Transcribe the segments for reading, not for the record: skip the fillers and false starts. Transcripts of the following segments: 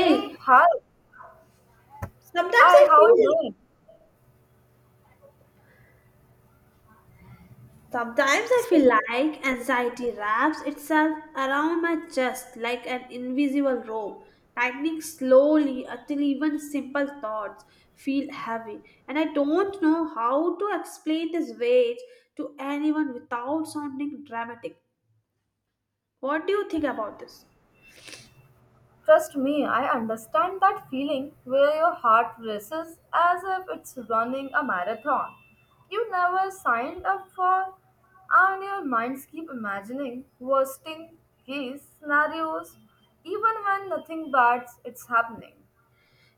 Hey, hi. sometimes Hi, I how are you feel doing? sometimes I So, feel like anxiety wraps itself around my chest like an invisible rope, tightening slowly until even simple thoughts feel heavy, and I don't know how to explain this weight to anyone without sounding dramatic. What do you think about this? trust me, I understand that feeling where your heart races as if it's running a marathon. You never signed up for, and your minds keep imagining worst case scenarios even when nothing bad's it's happening.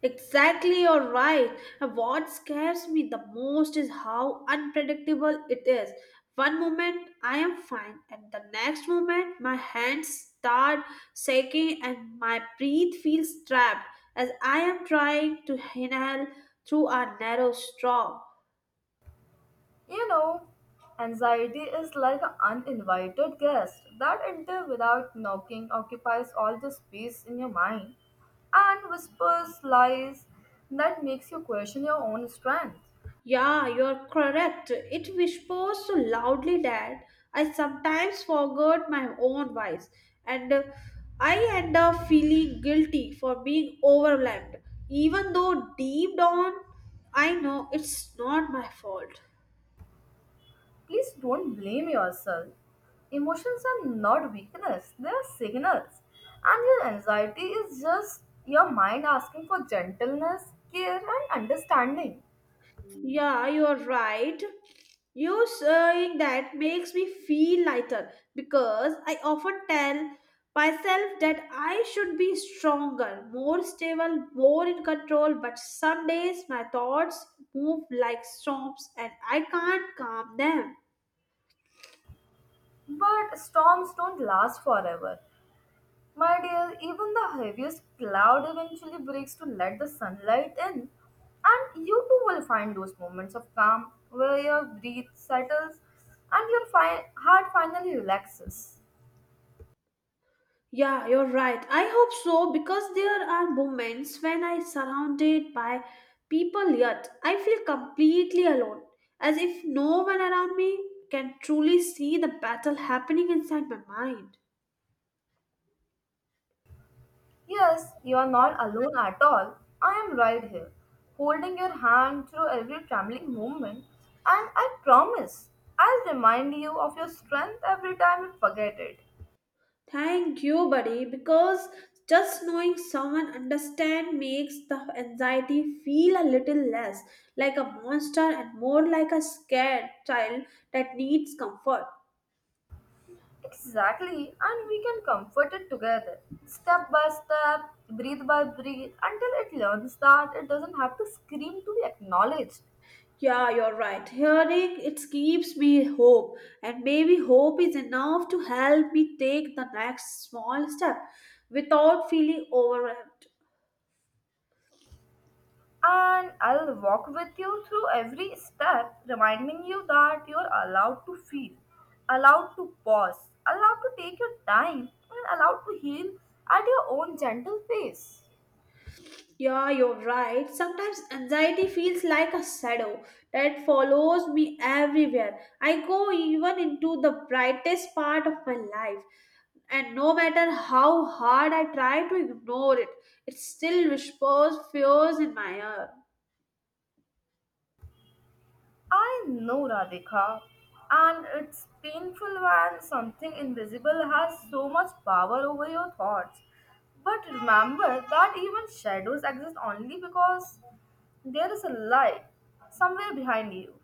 Exactly, you're right. And what scares me the most is how unpredictable it is. One moment I am fine, and the next moment my hands start shaking and my breath feels trapped as I am trying to inhale through a narrow straw. You know, anxiety is like an uninvited guest that enters without knocking, occupies all the space in your mind, and whispers lies that makes you question your own strength. Yeah, you're correct. It whispers so loudly that I sometimes forget my own voice, and I end up feeling guilty for being overwhelmed, even though deep down I know it's not my fault. Please don't blame yourself. Emotions are not weakness, they are signals. And your anxiety is just your mind asking for gentleness, care, and understanding. Yeah, you are right. You saying that makes me feel lighter because I often tell myself that I should be stronger, more stable, more in control, but some days my thoughts move like storms and I can't calm them. But storms don't last forever. My dear, even the heaviest cloud eventually breaks to let the sunlight in, and you too will find those moments of calm where your breath settles and your heart finally relaxes. Yeah, you're right. I hope so because there are moments when I surrounded by people yet I feel completely alone, as if no one around me can truly see the battle happening inside my mind. Yes, you are not alone at all. I am right here, holding your hand through every trembling moment, and I promise I'll remind you of your strength every time you forget it. Thank you, buddy, because just knowing someone understand makes the anxiety feel a little less like a monster and more like a scared child that needs comfort. Exactly, and we can comfort it together, step by step, breathe by breathe, until it learns that it doesn't have to scream to be acknowledged. Yeah, you're right. Hearing it keeps me hope, and maybe hope is enough to help me take the next small step without feeling overwhelmed. And I'll walk with you through every step, reminding you that you're allowed to feel, allowed to pause, allowed to take your time, and allowed to heal at your own gentle pace. Yeah, you're right. Sometimes anxiety feels like a shadow that follows me everywhere I go, even into the brightest part of my life, and no matter how hard I try to ignore it, it still whispers fears in my ear. I know Radhika, and it's painful when something invisible has so much power over your thoughts. But remember that even shadows exist only because there is a light somewhere behind you.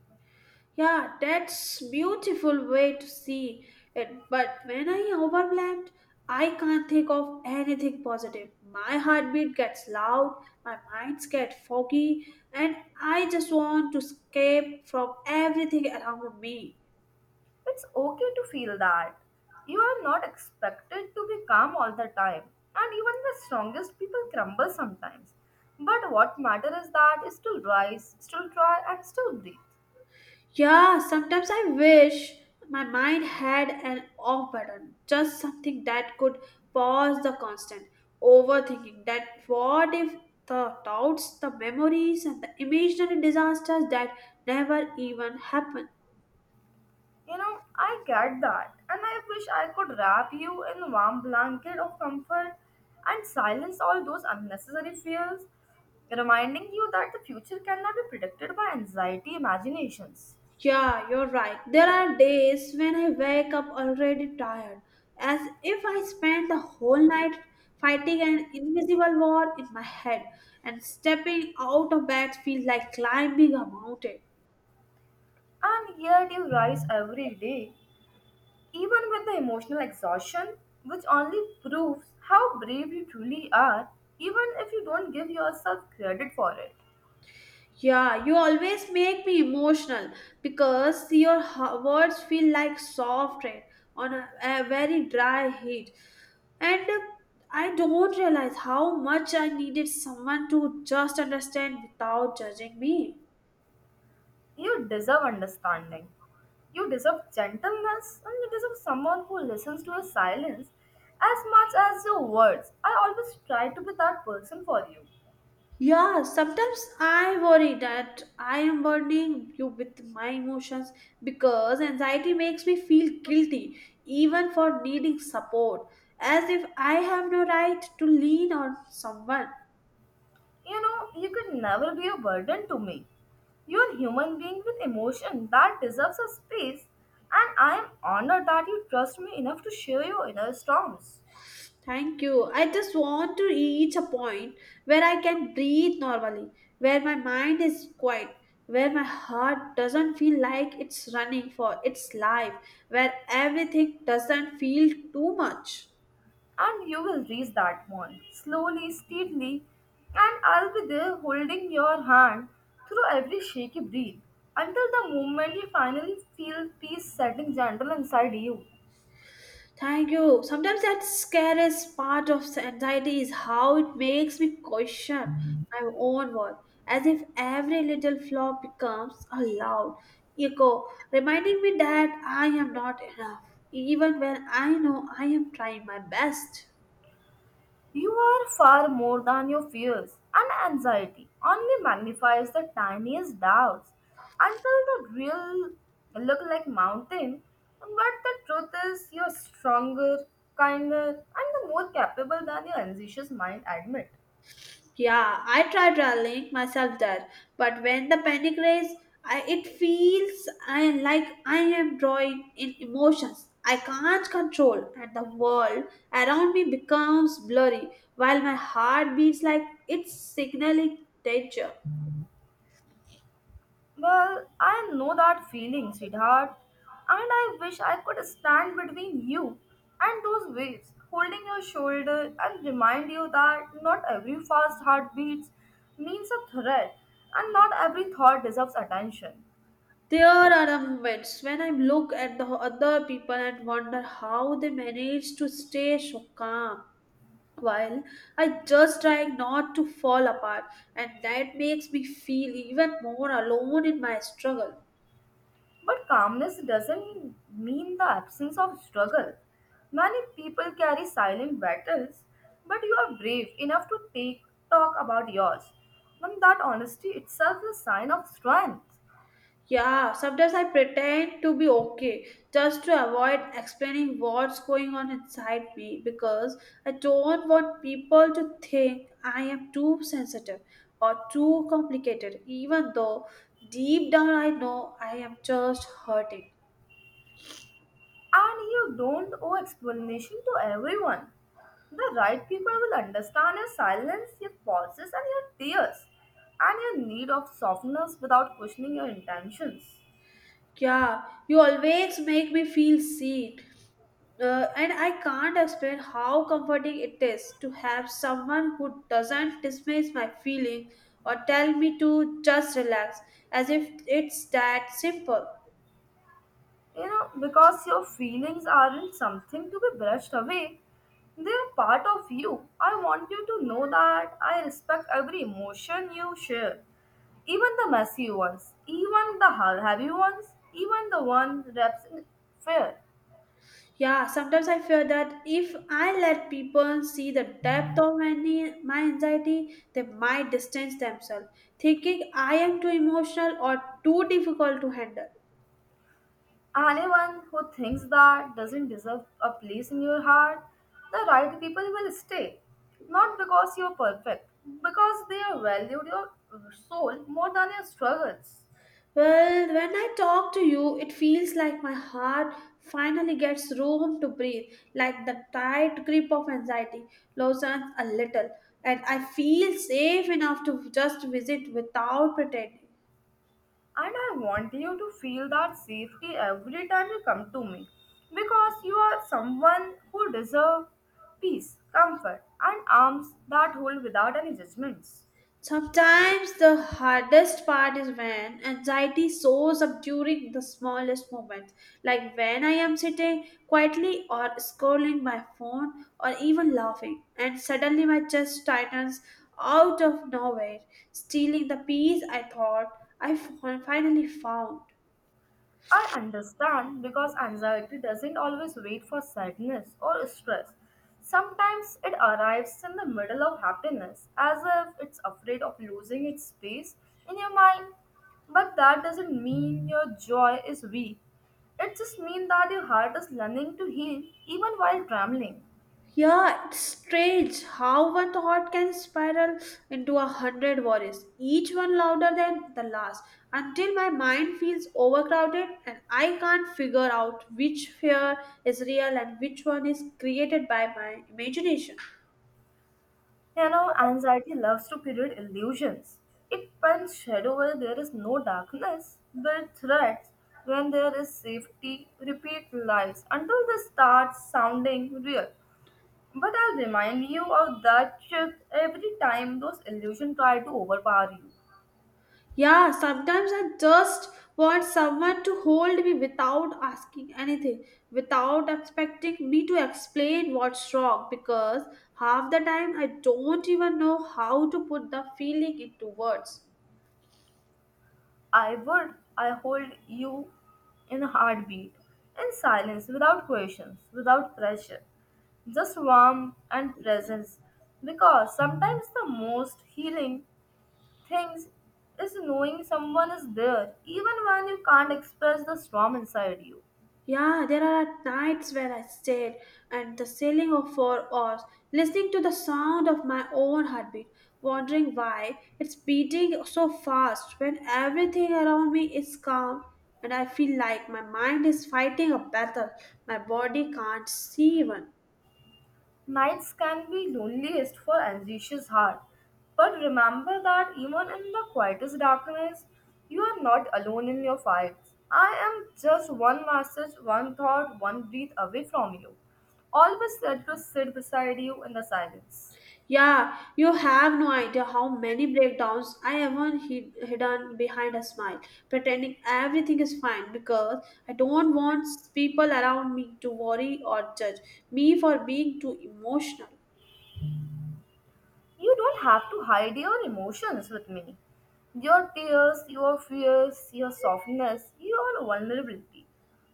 Yeah, that's beautiful way to see it. But when I overwhelmed, I can't think of anything positive. My heartbeat gets loud, my minds get foggy, and I just want to escape from everything around me. It's okay to feel that. You are not expected to be calm all the time, and even the strongest people crumble sometimes. But what matters is that you still rise, still try, and still breathe. Yeah, sometimes I wish my mind had an off button, just something that could pause the constant overthinking. That what if the doubts, the memories, and the imaginary disasters that never even happen? You know, I get that, and I wish I could wrap you in a warm blanket of comfort and silence all those unnecessary fears, reminding you that the future cannot be predicted by anxiety imaginations. Yeah, you're right. There are days when I wake up already tired, as if I spent the whole night fighting an invisible war in my head, and stepping out of bed feels like climbing a mountain. And yet you rise every day, even with the emotional exhaustion, which only proves how brave you truly are, even if you don't give yourself credit for it. Yeah, you always make me emotional because your words feel like soft rain on a very dry heat. And I don't realize how much I needed someone to just understand without judging me. You deserve understanding. You deserve gentleness and you deserve someone who listens to your silence as much as your words. I always try to be that person for you. Yeah, sometimes I worry that I am burdening you with my emotions because anxiety makes me feel guilty even for needing support, as if I have no right to lean on someone. You know, you could never be a burden to me. You're a human being with emotion that deserves a space, and I am honored that you trust me enough to share your inner storms. Thank you. I just want to reach a point where I can breathe normally, where my mind is quiet, where my heart doesn't feel like it's running for its life, where everything doesn't feel too much. And you will reach that mall slowly, steadily, and I'll be there holding your hand through every shaky breath until the moment you finally feel peace setting gentle inside you. Thank you. Sometimes that scariest part of the anxiety is how it makes me question my own worth, as if every little flaw becomes a loud echo, reminding me that I am not enough, even when I know I am trying my best. You are far more than your fears, and anxiety only magnifies the tiniest doubts until the real look like mountain. But the truth is, you're stronger, kinder, and the more capable than your anxious mind admit. Yeah, I try rallying myself there, but when the panic race, I, it feels I like I am drawing in emotions I can't control, and the world around me becomes blurry while my heart beats like it's signaling danger. Well, I know that feeling, sweetheart, and I wish I could stand between you and those waves, holding your shoulder and remind you that not every fast heartbeat means a threat and not every thought deserves attention. There are the moments when I look at the other people and wonder how they manage to stay so calm, while I just trying not to fall apart, and that makes me feel even more alone in my struggle. But calmness doesn't mean the absence of struggle. Many people carry silent battles, but you are brave enough to take talk about yours. And that honesty itself is a sign of strength. Yeah, sometimes I pretend to be okay just to avoid explaining what's going on inside me because I don't want people to think I am too sensitive or too complicated, even though deep down I know I am just hurting. And you don't owe explanation to everyone. The right people will understand your silence, your pauses, and your tears, and your need of softness without questioning your intentions. Yeah, you always make me feel seen. And I can't explain how comforting it is to have someone who doesn't dismiss my feeling or tell me to just relax as if it's that simple. You know, because your feelings aren't something to be brushed away, they are part of you. I want you to know that I respect every emotion you share, even the messy ones, even the heavy ones, even the one wrapped in fear. Yeah, sometimes I fear that if I let people see the depth of my anxiety, they might distance themselves, thinking I am too emotional or too difficult to handle. Anyone who thinks that doesn't deserve a place in your heart, the right people will stay. Not because you're perfect, because they have valued your soul more than your struggles. Well, when I talk to you, it feels like my heart finally gets room to breathe, like the tight grip of anxiety loosens a little, and I feel safe enough to just visit without pretending. And I want you to feel that safety every time you come to me. Because you are someone who deserves peace, comfort, and arms that hold without any judgments. Sometimes the hardest part is when anxiety shows up during the smallest moments, like when I am sitting quietly or scrolling my phone or even laughing, and suddenly my chest tightens out of nowhere, stealing the peace I thought I finally found. I understand because anxiety doesn't always wait for sadness or stress. Sometimes it arrives in the middle of happiness, as if it's afraid of losing its space in your mind. But that doesn't mean your joy is weak. It just means that your heart is learning to heal even while trembling. Yeah, it's strange how one thought can spiral into a hundred worries, each one louder than the last, until my mind feels overcrowded and I can't figure out which fear is real and which one is created by my imagination. You know, anxiety loves to create illusions. It paints shadow where there is no darkness, but threats when there is safety, repeat lies until they start sounding real. But I'll remind you of that truth every time those illusions try to overpower you. Yeah, sometimes I just want someone to hold me without asking anything, without expecting me to explain what's wrong, because half the time I don't even know how to put the feeling into words. I hold you in a heartbeat, in silence, without questions, without pressure just warmth and presence because sometimes the most healing things is knowing someone is there even when you can't express the storm inside you. Yeah, there are nights where I stayed and the ceiling of 4 hours, listening to the sound of my own heartbeat, wondering why it's beating so fast when everything around me is calm and I feel like my mind is fighting a battle my body can't see even. Nights can be loneliest for anxious heart, but remember that even in the quietest darkness, you are not alone in your fights. I am just one message, one thought, one breath away from you. Always let us sit beside you in the silence. Yeah, you have no idea how many breakdowns I have on hidden behind a smile, pretending everything is fine because I don't want people around me to worry or judge me for being too emotional. You don't have to hide your emotions with me. Your tears, your fears, your softness, your vulnerability.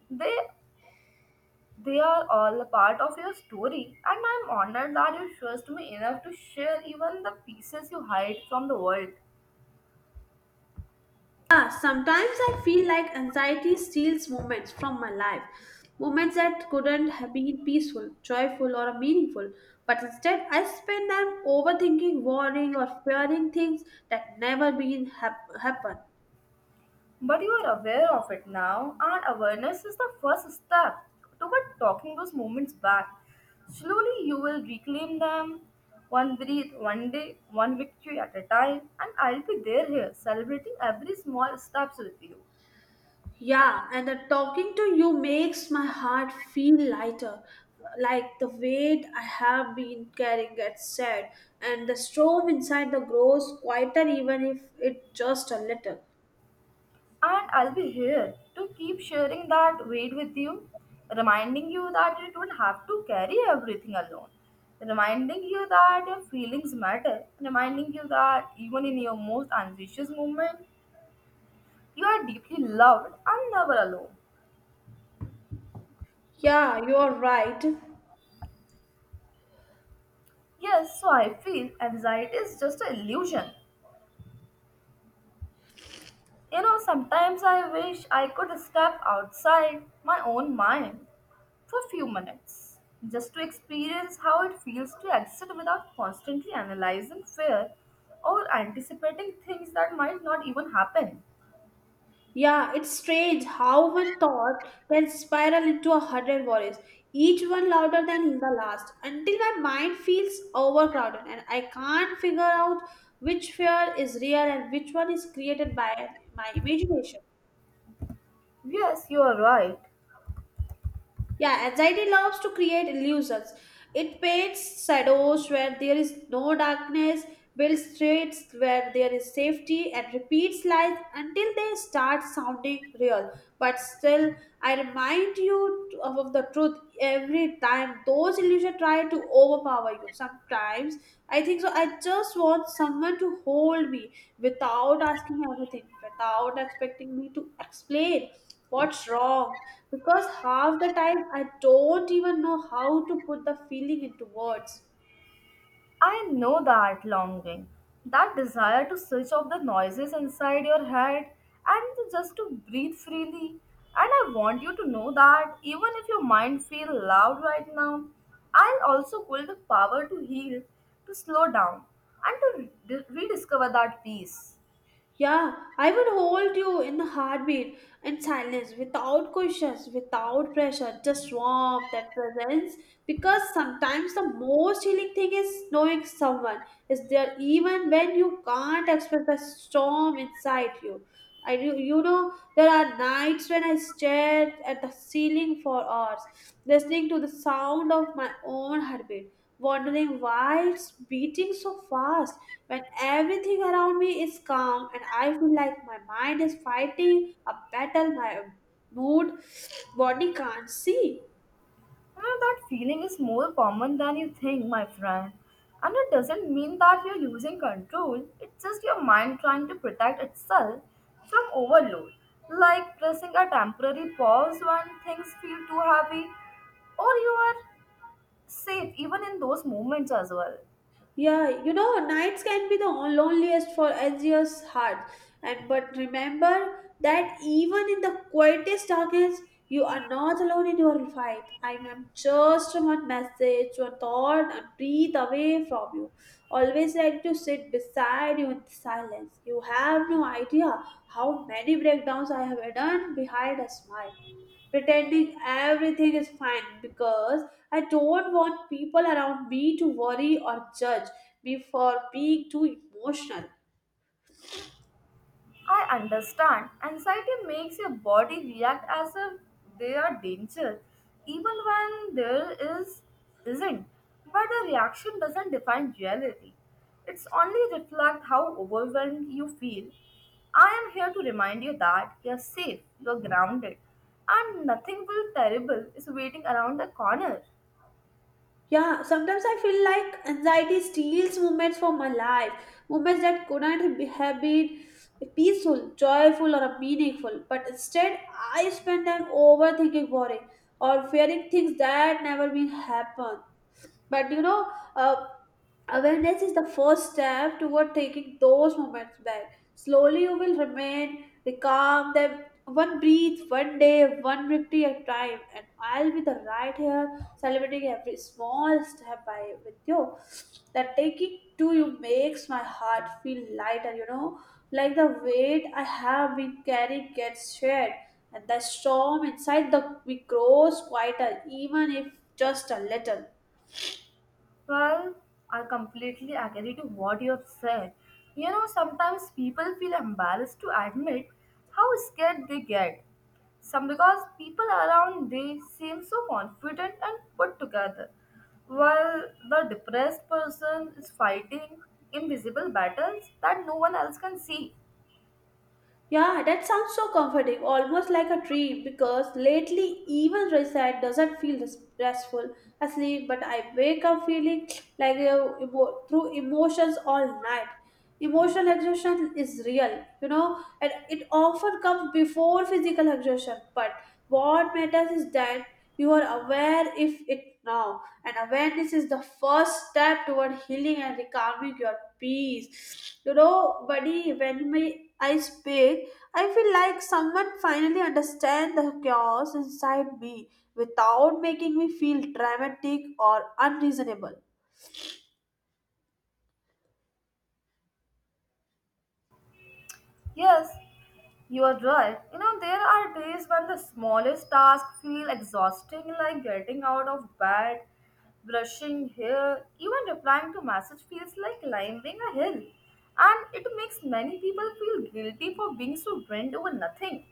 They they are all a part of your story and I'm honored that you trust me enough to share even the pieces you hide from the world. Yeah, sometimes I feel like anxiety steals moments from my life, moments that couldn't have been peaceful, joyful, or meaningful, but instead I spend them overthinking, worrying, or fearing things that never been happen. But you are aware of it now, and awareness is the first step toward talking those moments back. Slowly, you will reclaim them, one breath, one day, one victory at a time, and I'll be there here, celebrating every small steps with you. Yeah, and the talking to you makes my heart feel lighter, like the weight I have been carrying gets said, and the storm inside the grows quieter even if it just a little. And I'll be here to keep sharing that weight with you, reminding you that you don't have to carry everything alone, reminding you that your feelings matter, reminding you that even in your most anxious moment, you are deeply loved and never alone. Yeah, you are right. Yes, so I feel anxiety is just an illusion. You know, sometimes I wish I could step outside my own mind for a few minutes just to experience how it feels to exit without constantly analyzing fear or anticipating things that might not even happen. Yeah, it's strange how one thought can spiral into a hundred worries, each one louder than the last, until my mind feels overcrowded and I can't figure out which fear is real and which one is created by my imagination. Yes, you are right. Yeah, anxiety loves to create illusions. It paints shadows where there is no darkness, builds streets where there is safety, and repeats lies until they start sounding real. But still, I remind you of the truth every time those illusions try to overpower you. Sometimes I think so. I just want someone to hold me without asking everything, without expecting me to explain what's wrong because half the time I don't even know how to put the feeling into words. I know that longing, that desire to switch off the noises inside your head and to just to breathe freely. And I want you to know that even if your mind feels loud right now, I'll also hold the power to heal, to slow down, and to rediscover that peace. Yeah, I would hold you in the heartbeat in silence, without questions, without pressure, just warmth that presence. Because sometimes the most healing thing is knowing someone is there even when you can't express the storm inside you. I do, you know, there are nights when I stared at the ceiling for hours, listening to the sound of my own heartbeat wondering why it's beating so fast when everything around me is calm and I feel like my mind is fighting a battle my mood body can't see. Ah, that feeling is more common than you think, my friend. And it doesn't mean that you're losing control, it's just your mind trying to protect itself from overload, like pressing a temporary pause when things feel too heavy, or you are safe even in those moments as well. Yeah, you know, nights can be the loneliest for anxious heart. And but remember that even in the quietest darkness, you are not alone in your fight. I am just one message, one thought, a breath away from you. Always ready to sit beside you in silence. You have no idea how many breakdowns I have done behind a smile pretending everything is fine because I don't want people around me to worry or judge me for being too emotional. I understand. Anxiety makes your body react as if there are danger, even when there is isn't. But the reaction doesn't define reality. It's only reflect how overwhelmed you feel. I am here to remind you that you're safe, you're grounded, and nothing will terrible is waiting around the corner. Yeah, sometimes I feel like anxiety steals moments from my life, moments that couldn't have been peaceful, joyful, or meaningful. But instead, I spend time overthinking, worrying, or fearing things that never will happen. But you know, uh, awareness is the first step toward taking those moments back. Slowly you will remain calm them, one breath, one day, one victory at a time, and I'll be the right here, celebrating every small step by with you. That taking to you makes my heart feel lighter, you know, like the weight I have been carrying gets shared, and the storm inside the we grows quieter even if just a little. Well, I completely agree to what you have said. You know, sometimes people feel embarrassed to admit how scared they get. Some because people around they seem so confident and put together, while the depressed person is fighting invisible battles that no one else can see. Yeah, that sounds so comforting, almost like a dream, because lately even reset doesn't feel restful asleep, but I wake up feeling like through emotions all night. Emotional exhaustion is real, you know, and it often comes before physical exhaustion, but what matters is that you are aware if it now, and awareness is the first step toward healing and recalming your peace. You know, buddy, when my I speak, I feel like someone finally understands the chaos inside me without making me feel dramatic or unreasonable. Yes, you are right. You know, there are days when the smallest tasks feel exhausting, like getting out of bed, brushing hair, even replying to message feels like climbing a hill. And it makes many people feel guilty for being so drained over nothing.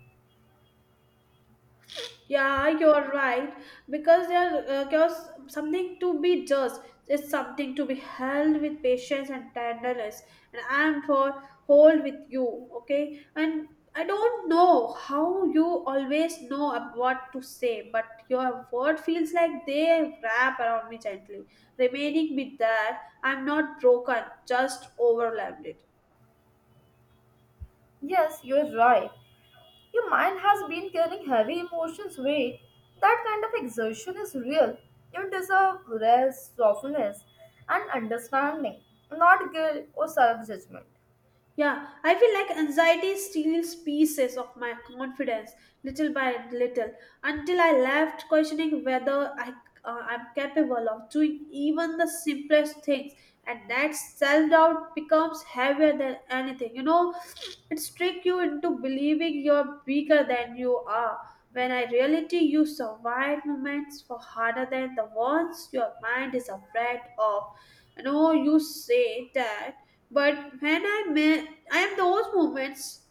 Yeah, you're right. Because there, because something to be just is something to be held with patience and tenderness, and I am for hold with you. Okay, and I don't know how you always know what to say, but your word feels like they wrap around me gently, remaining with that I'm not broken, just overwhelmed. It. Yes, you are right. Your mind has been carrying heavy emotions weight. That kind of exertion is real. You deserve rest, softness, and understanding, not guilt or self judgment. Yeah, I feel like anxiety steals pieces of my confidence little by little until I left questioning whether I'm capable of doing even the simplest things. And that self doubt becomes heavier than anything. You know, it tricks you into believing you're bigger than you are. When in reality, you survive moments for harder than the ones your mind is afraid of. No, you say that, but when I met, I am those moments,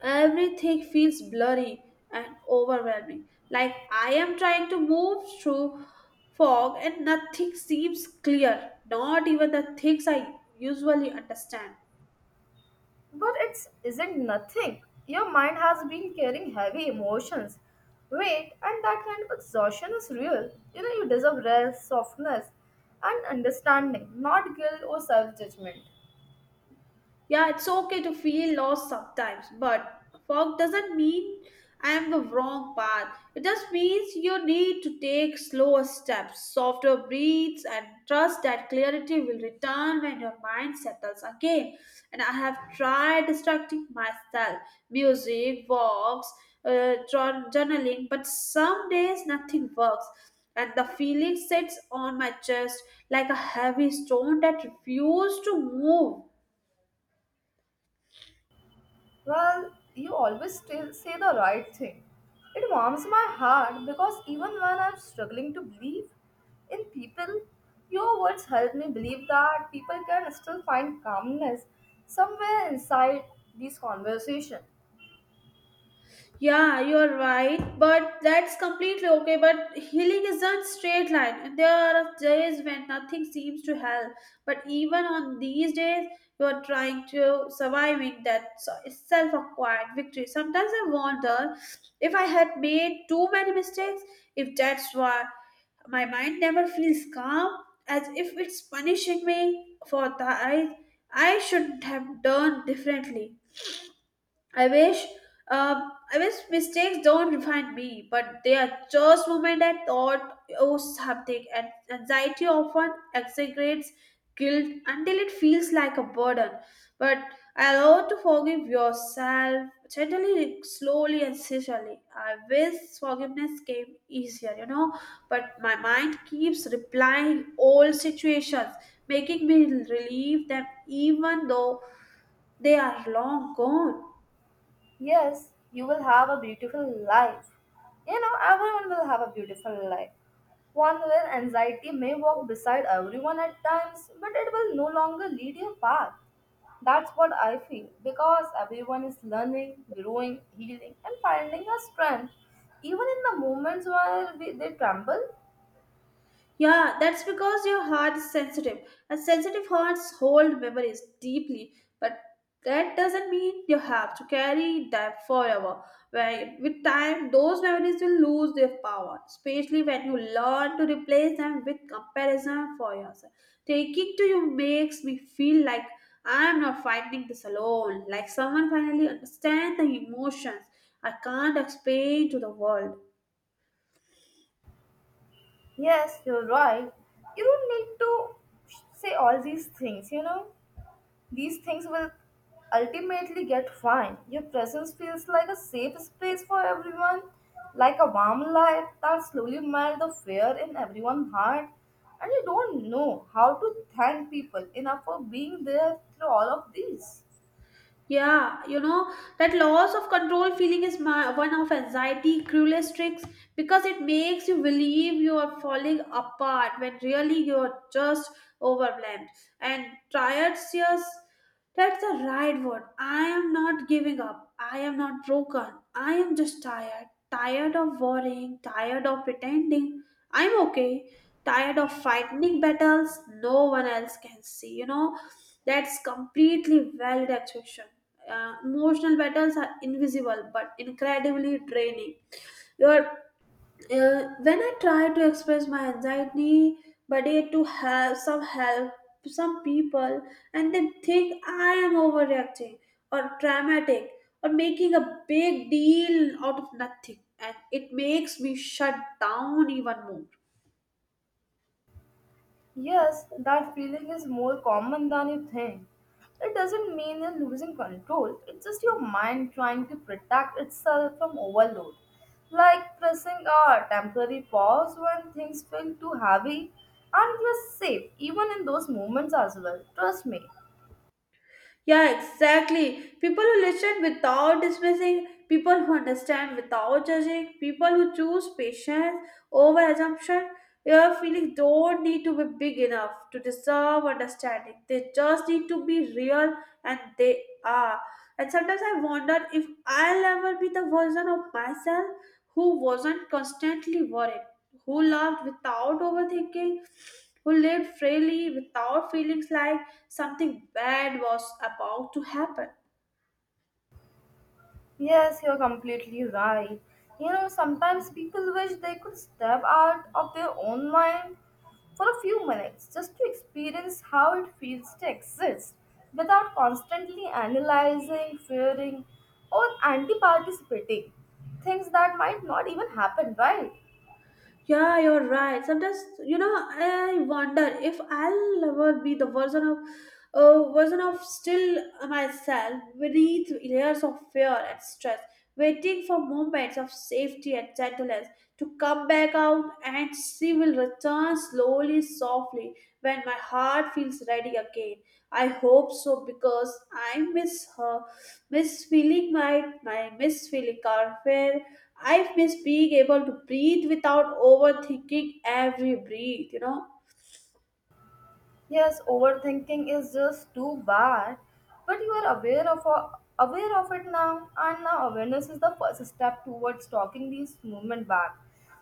everything feels blurry and overwhelming. Like I am trying to move through fog and nothing seems clear, not even the things I usually understand. But it isn't nothing. Your mind has been carrying heavy emotions, weight, and that kind of exhaustion is real. You know, you deserve rest, softness, and understanding, not guilt or self judgment. Yeah, it's okay to feel lost sometimes, but fog doesn't mean I'm the wrong path. It just means you need to take slower steps, softer breaths, and trust that clarity will return when your mind settles again. And I have tried distracting myself music, walks, journaling, but some days nothing works. And the feeling sits on my chest like a heavy stone that refuses to move. Well, you always say the right thing. It warms my heart because even when I'm struggling to believe in people, your words help me believe that people can still find calmness somewhere inside these conversations. Yeah, you're right, but that's completely okay. But healing isn't straight line, and there are days when nothing seems to help. But even on these days, you're trying to surviving that self-acquired victory. Sometimes I wonder if I had made too many mistakes, if that's why my mind never feels calm, as if it's punishing me for that I should have done differently. I wish, uh, I wish mistakes don't define me, but they are just moment I thought oh something, and anxiety often exaggerates guilt until it feels like a burden. But allow to forgive yourself gently, slowly, and sincerely. I wish forgiveness came easier, you know, but my mind keeps replying old situations, making me relieve them even though they are long gone. Yes, you will have a beautiful life. You know, everyone will have a beautiful life. One where anxiety may walk beside everyone at times, but it will no longer lead your path. That's what I feel because everyone is learning, growing, healing, and finding a strength, even in the moments where they tremble. Yeah, that's because your heart is sensitive, and sensitive hearts hold memories deeply. But that doesn't mean you have to carry that forever. Right? With time, those memories will lose their power, especially when you learn to replace them with comparison for yourself. Taking to you makes me feel like I'm not fighting this alone, like someone finally understands the emotions I can't explain to the world. Yes, you're right. You don't need to say all these things, you know. These things will ultimately get fine. Your presence feels like a safe space for everyone, like a warm light that slowly melts the fear in everyone's heart. And you don't know how to thank people enough for being there through all of these. Yeah, you know, that loss of control feeling is my, one of anxiety cruelest tricks because it makes you believe you are falling apart when really you are just overwhelmed. And tired. Yes, that's the right word. I am not giving up. I am not broken. I am just tired. Tired of worrying, tired of pretending. I'm okay. Tired of fighting battles no one else can see, you know that's completely valid objection. Emotional battles are invisible but incredibly draining. Your when I try to express my anxiety, but it to have some help, some people, and they think I am overreacting or dramatic or making a big deal out of nothing, and it makes me shut down even more. Yes, that feeling is more common than you think. It doesn't mean you're losing control, it's just your mind trying to protect itself from overload. Like pressing a temporary pause when things feel too heavy, and you're safe even in those moments as well. Trust me. Yeah, exactly. People who listen without dismissing, people who understand without judging, people who choose patience over assumption. Your feelings don't need to be big enough to deserve understanding. They just need to be real, and they are. And sometimes I wonder if I'll ever be the version of myself who wasn't constantly worried, who loved without overthinking, who lived freely without feelings like something bad was about to happen. Yes, you're completely right. You know, sometimes people wish they could step out of their own mind for a few minutes just to experience how it feels to exist without constantly analyzing, fearing, or anti participating. Things that might not even happen, right? Yeah, you're right. Sometimes, you know, I wonder if I'll ever be the version of still myself beneath layers of fear and stress, waiting for moments of safety and gentleness. To come back out and she will return slowly, softly when my heart feels ready again. I hope so because I miss her, miss feeling my, my miss feeling her fair. I miss being able to breathe without overthinking every breath, you know. Yes, overthinking is just too bad, but you are aware of it now, and now awareness is the first step towards talking these movement back.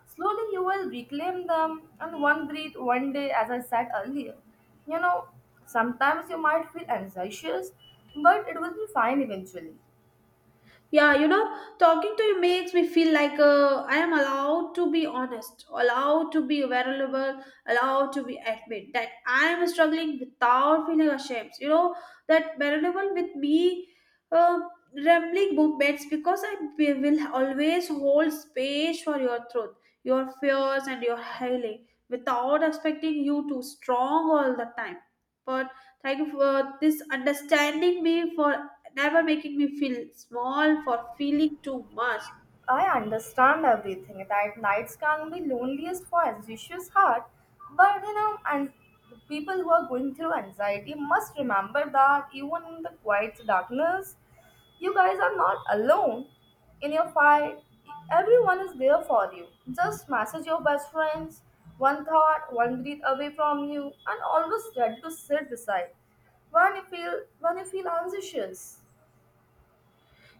Slowly, you will reclaim them, and one breath, one day, as I said earlier. You know, sometimes you might feel anxious, but it will be fine eventually. Yeah, you know, talking to you makes me feel like I am allowed to be honest, allowed to be vulnerable, allowed to be admit that I am struggling without feeling ashamed. You know, that vulnerable with me, uh, rambling movements because will always hold space for your truth, your fears, and your healing without expecting you to strong all the time. But thank you for this understanding me for never making me feel small for feeling too much. I understand everything that nights can be loneliest for ambitious heart, but you know, and people who are going through anxiety must remember that even in the quiet darkness, you guys are not alone in your fight. Everyone is there for you. Just message your best friends, one thought, one breath away from you, and always ready to sit beside when you feel anxious.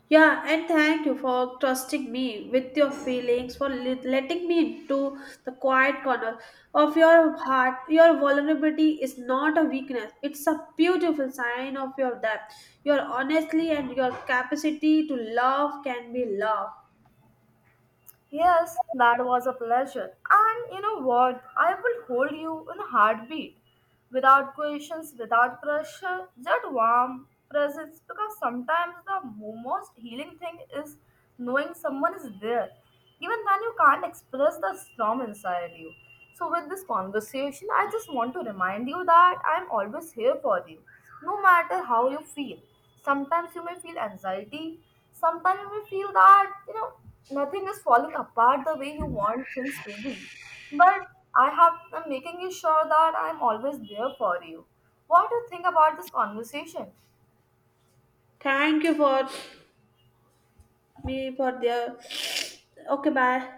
Yeah, and thank you for trusting me with your feelings, for letting me into the quiet corner of your heart. Your vulnerability is not a weakness, it's a beautiful sign of your depth. Your honesty and your capacity to love can be loved. Yes, that was a pleasure. And you know what? I will hold you in a heartbeat. Without questions, without pressure, just warm presence. Because sometimes the most healing thing is knowing someone is there, even when you can't express the storm inside you. So, with this conversation, I just want to remind you that I'm always here for you, no matter how you feel. Sometimes you may feel anxiety, sometimes you may feel that, you know, nothing is falling apart the way you want things to be. But I'm making you sure that I'm always there for you. What do you think about this conversation? Thank you for me for the. Okay, bye.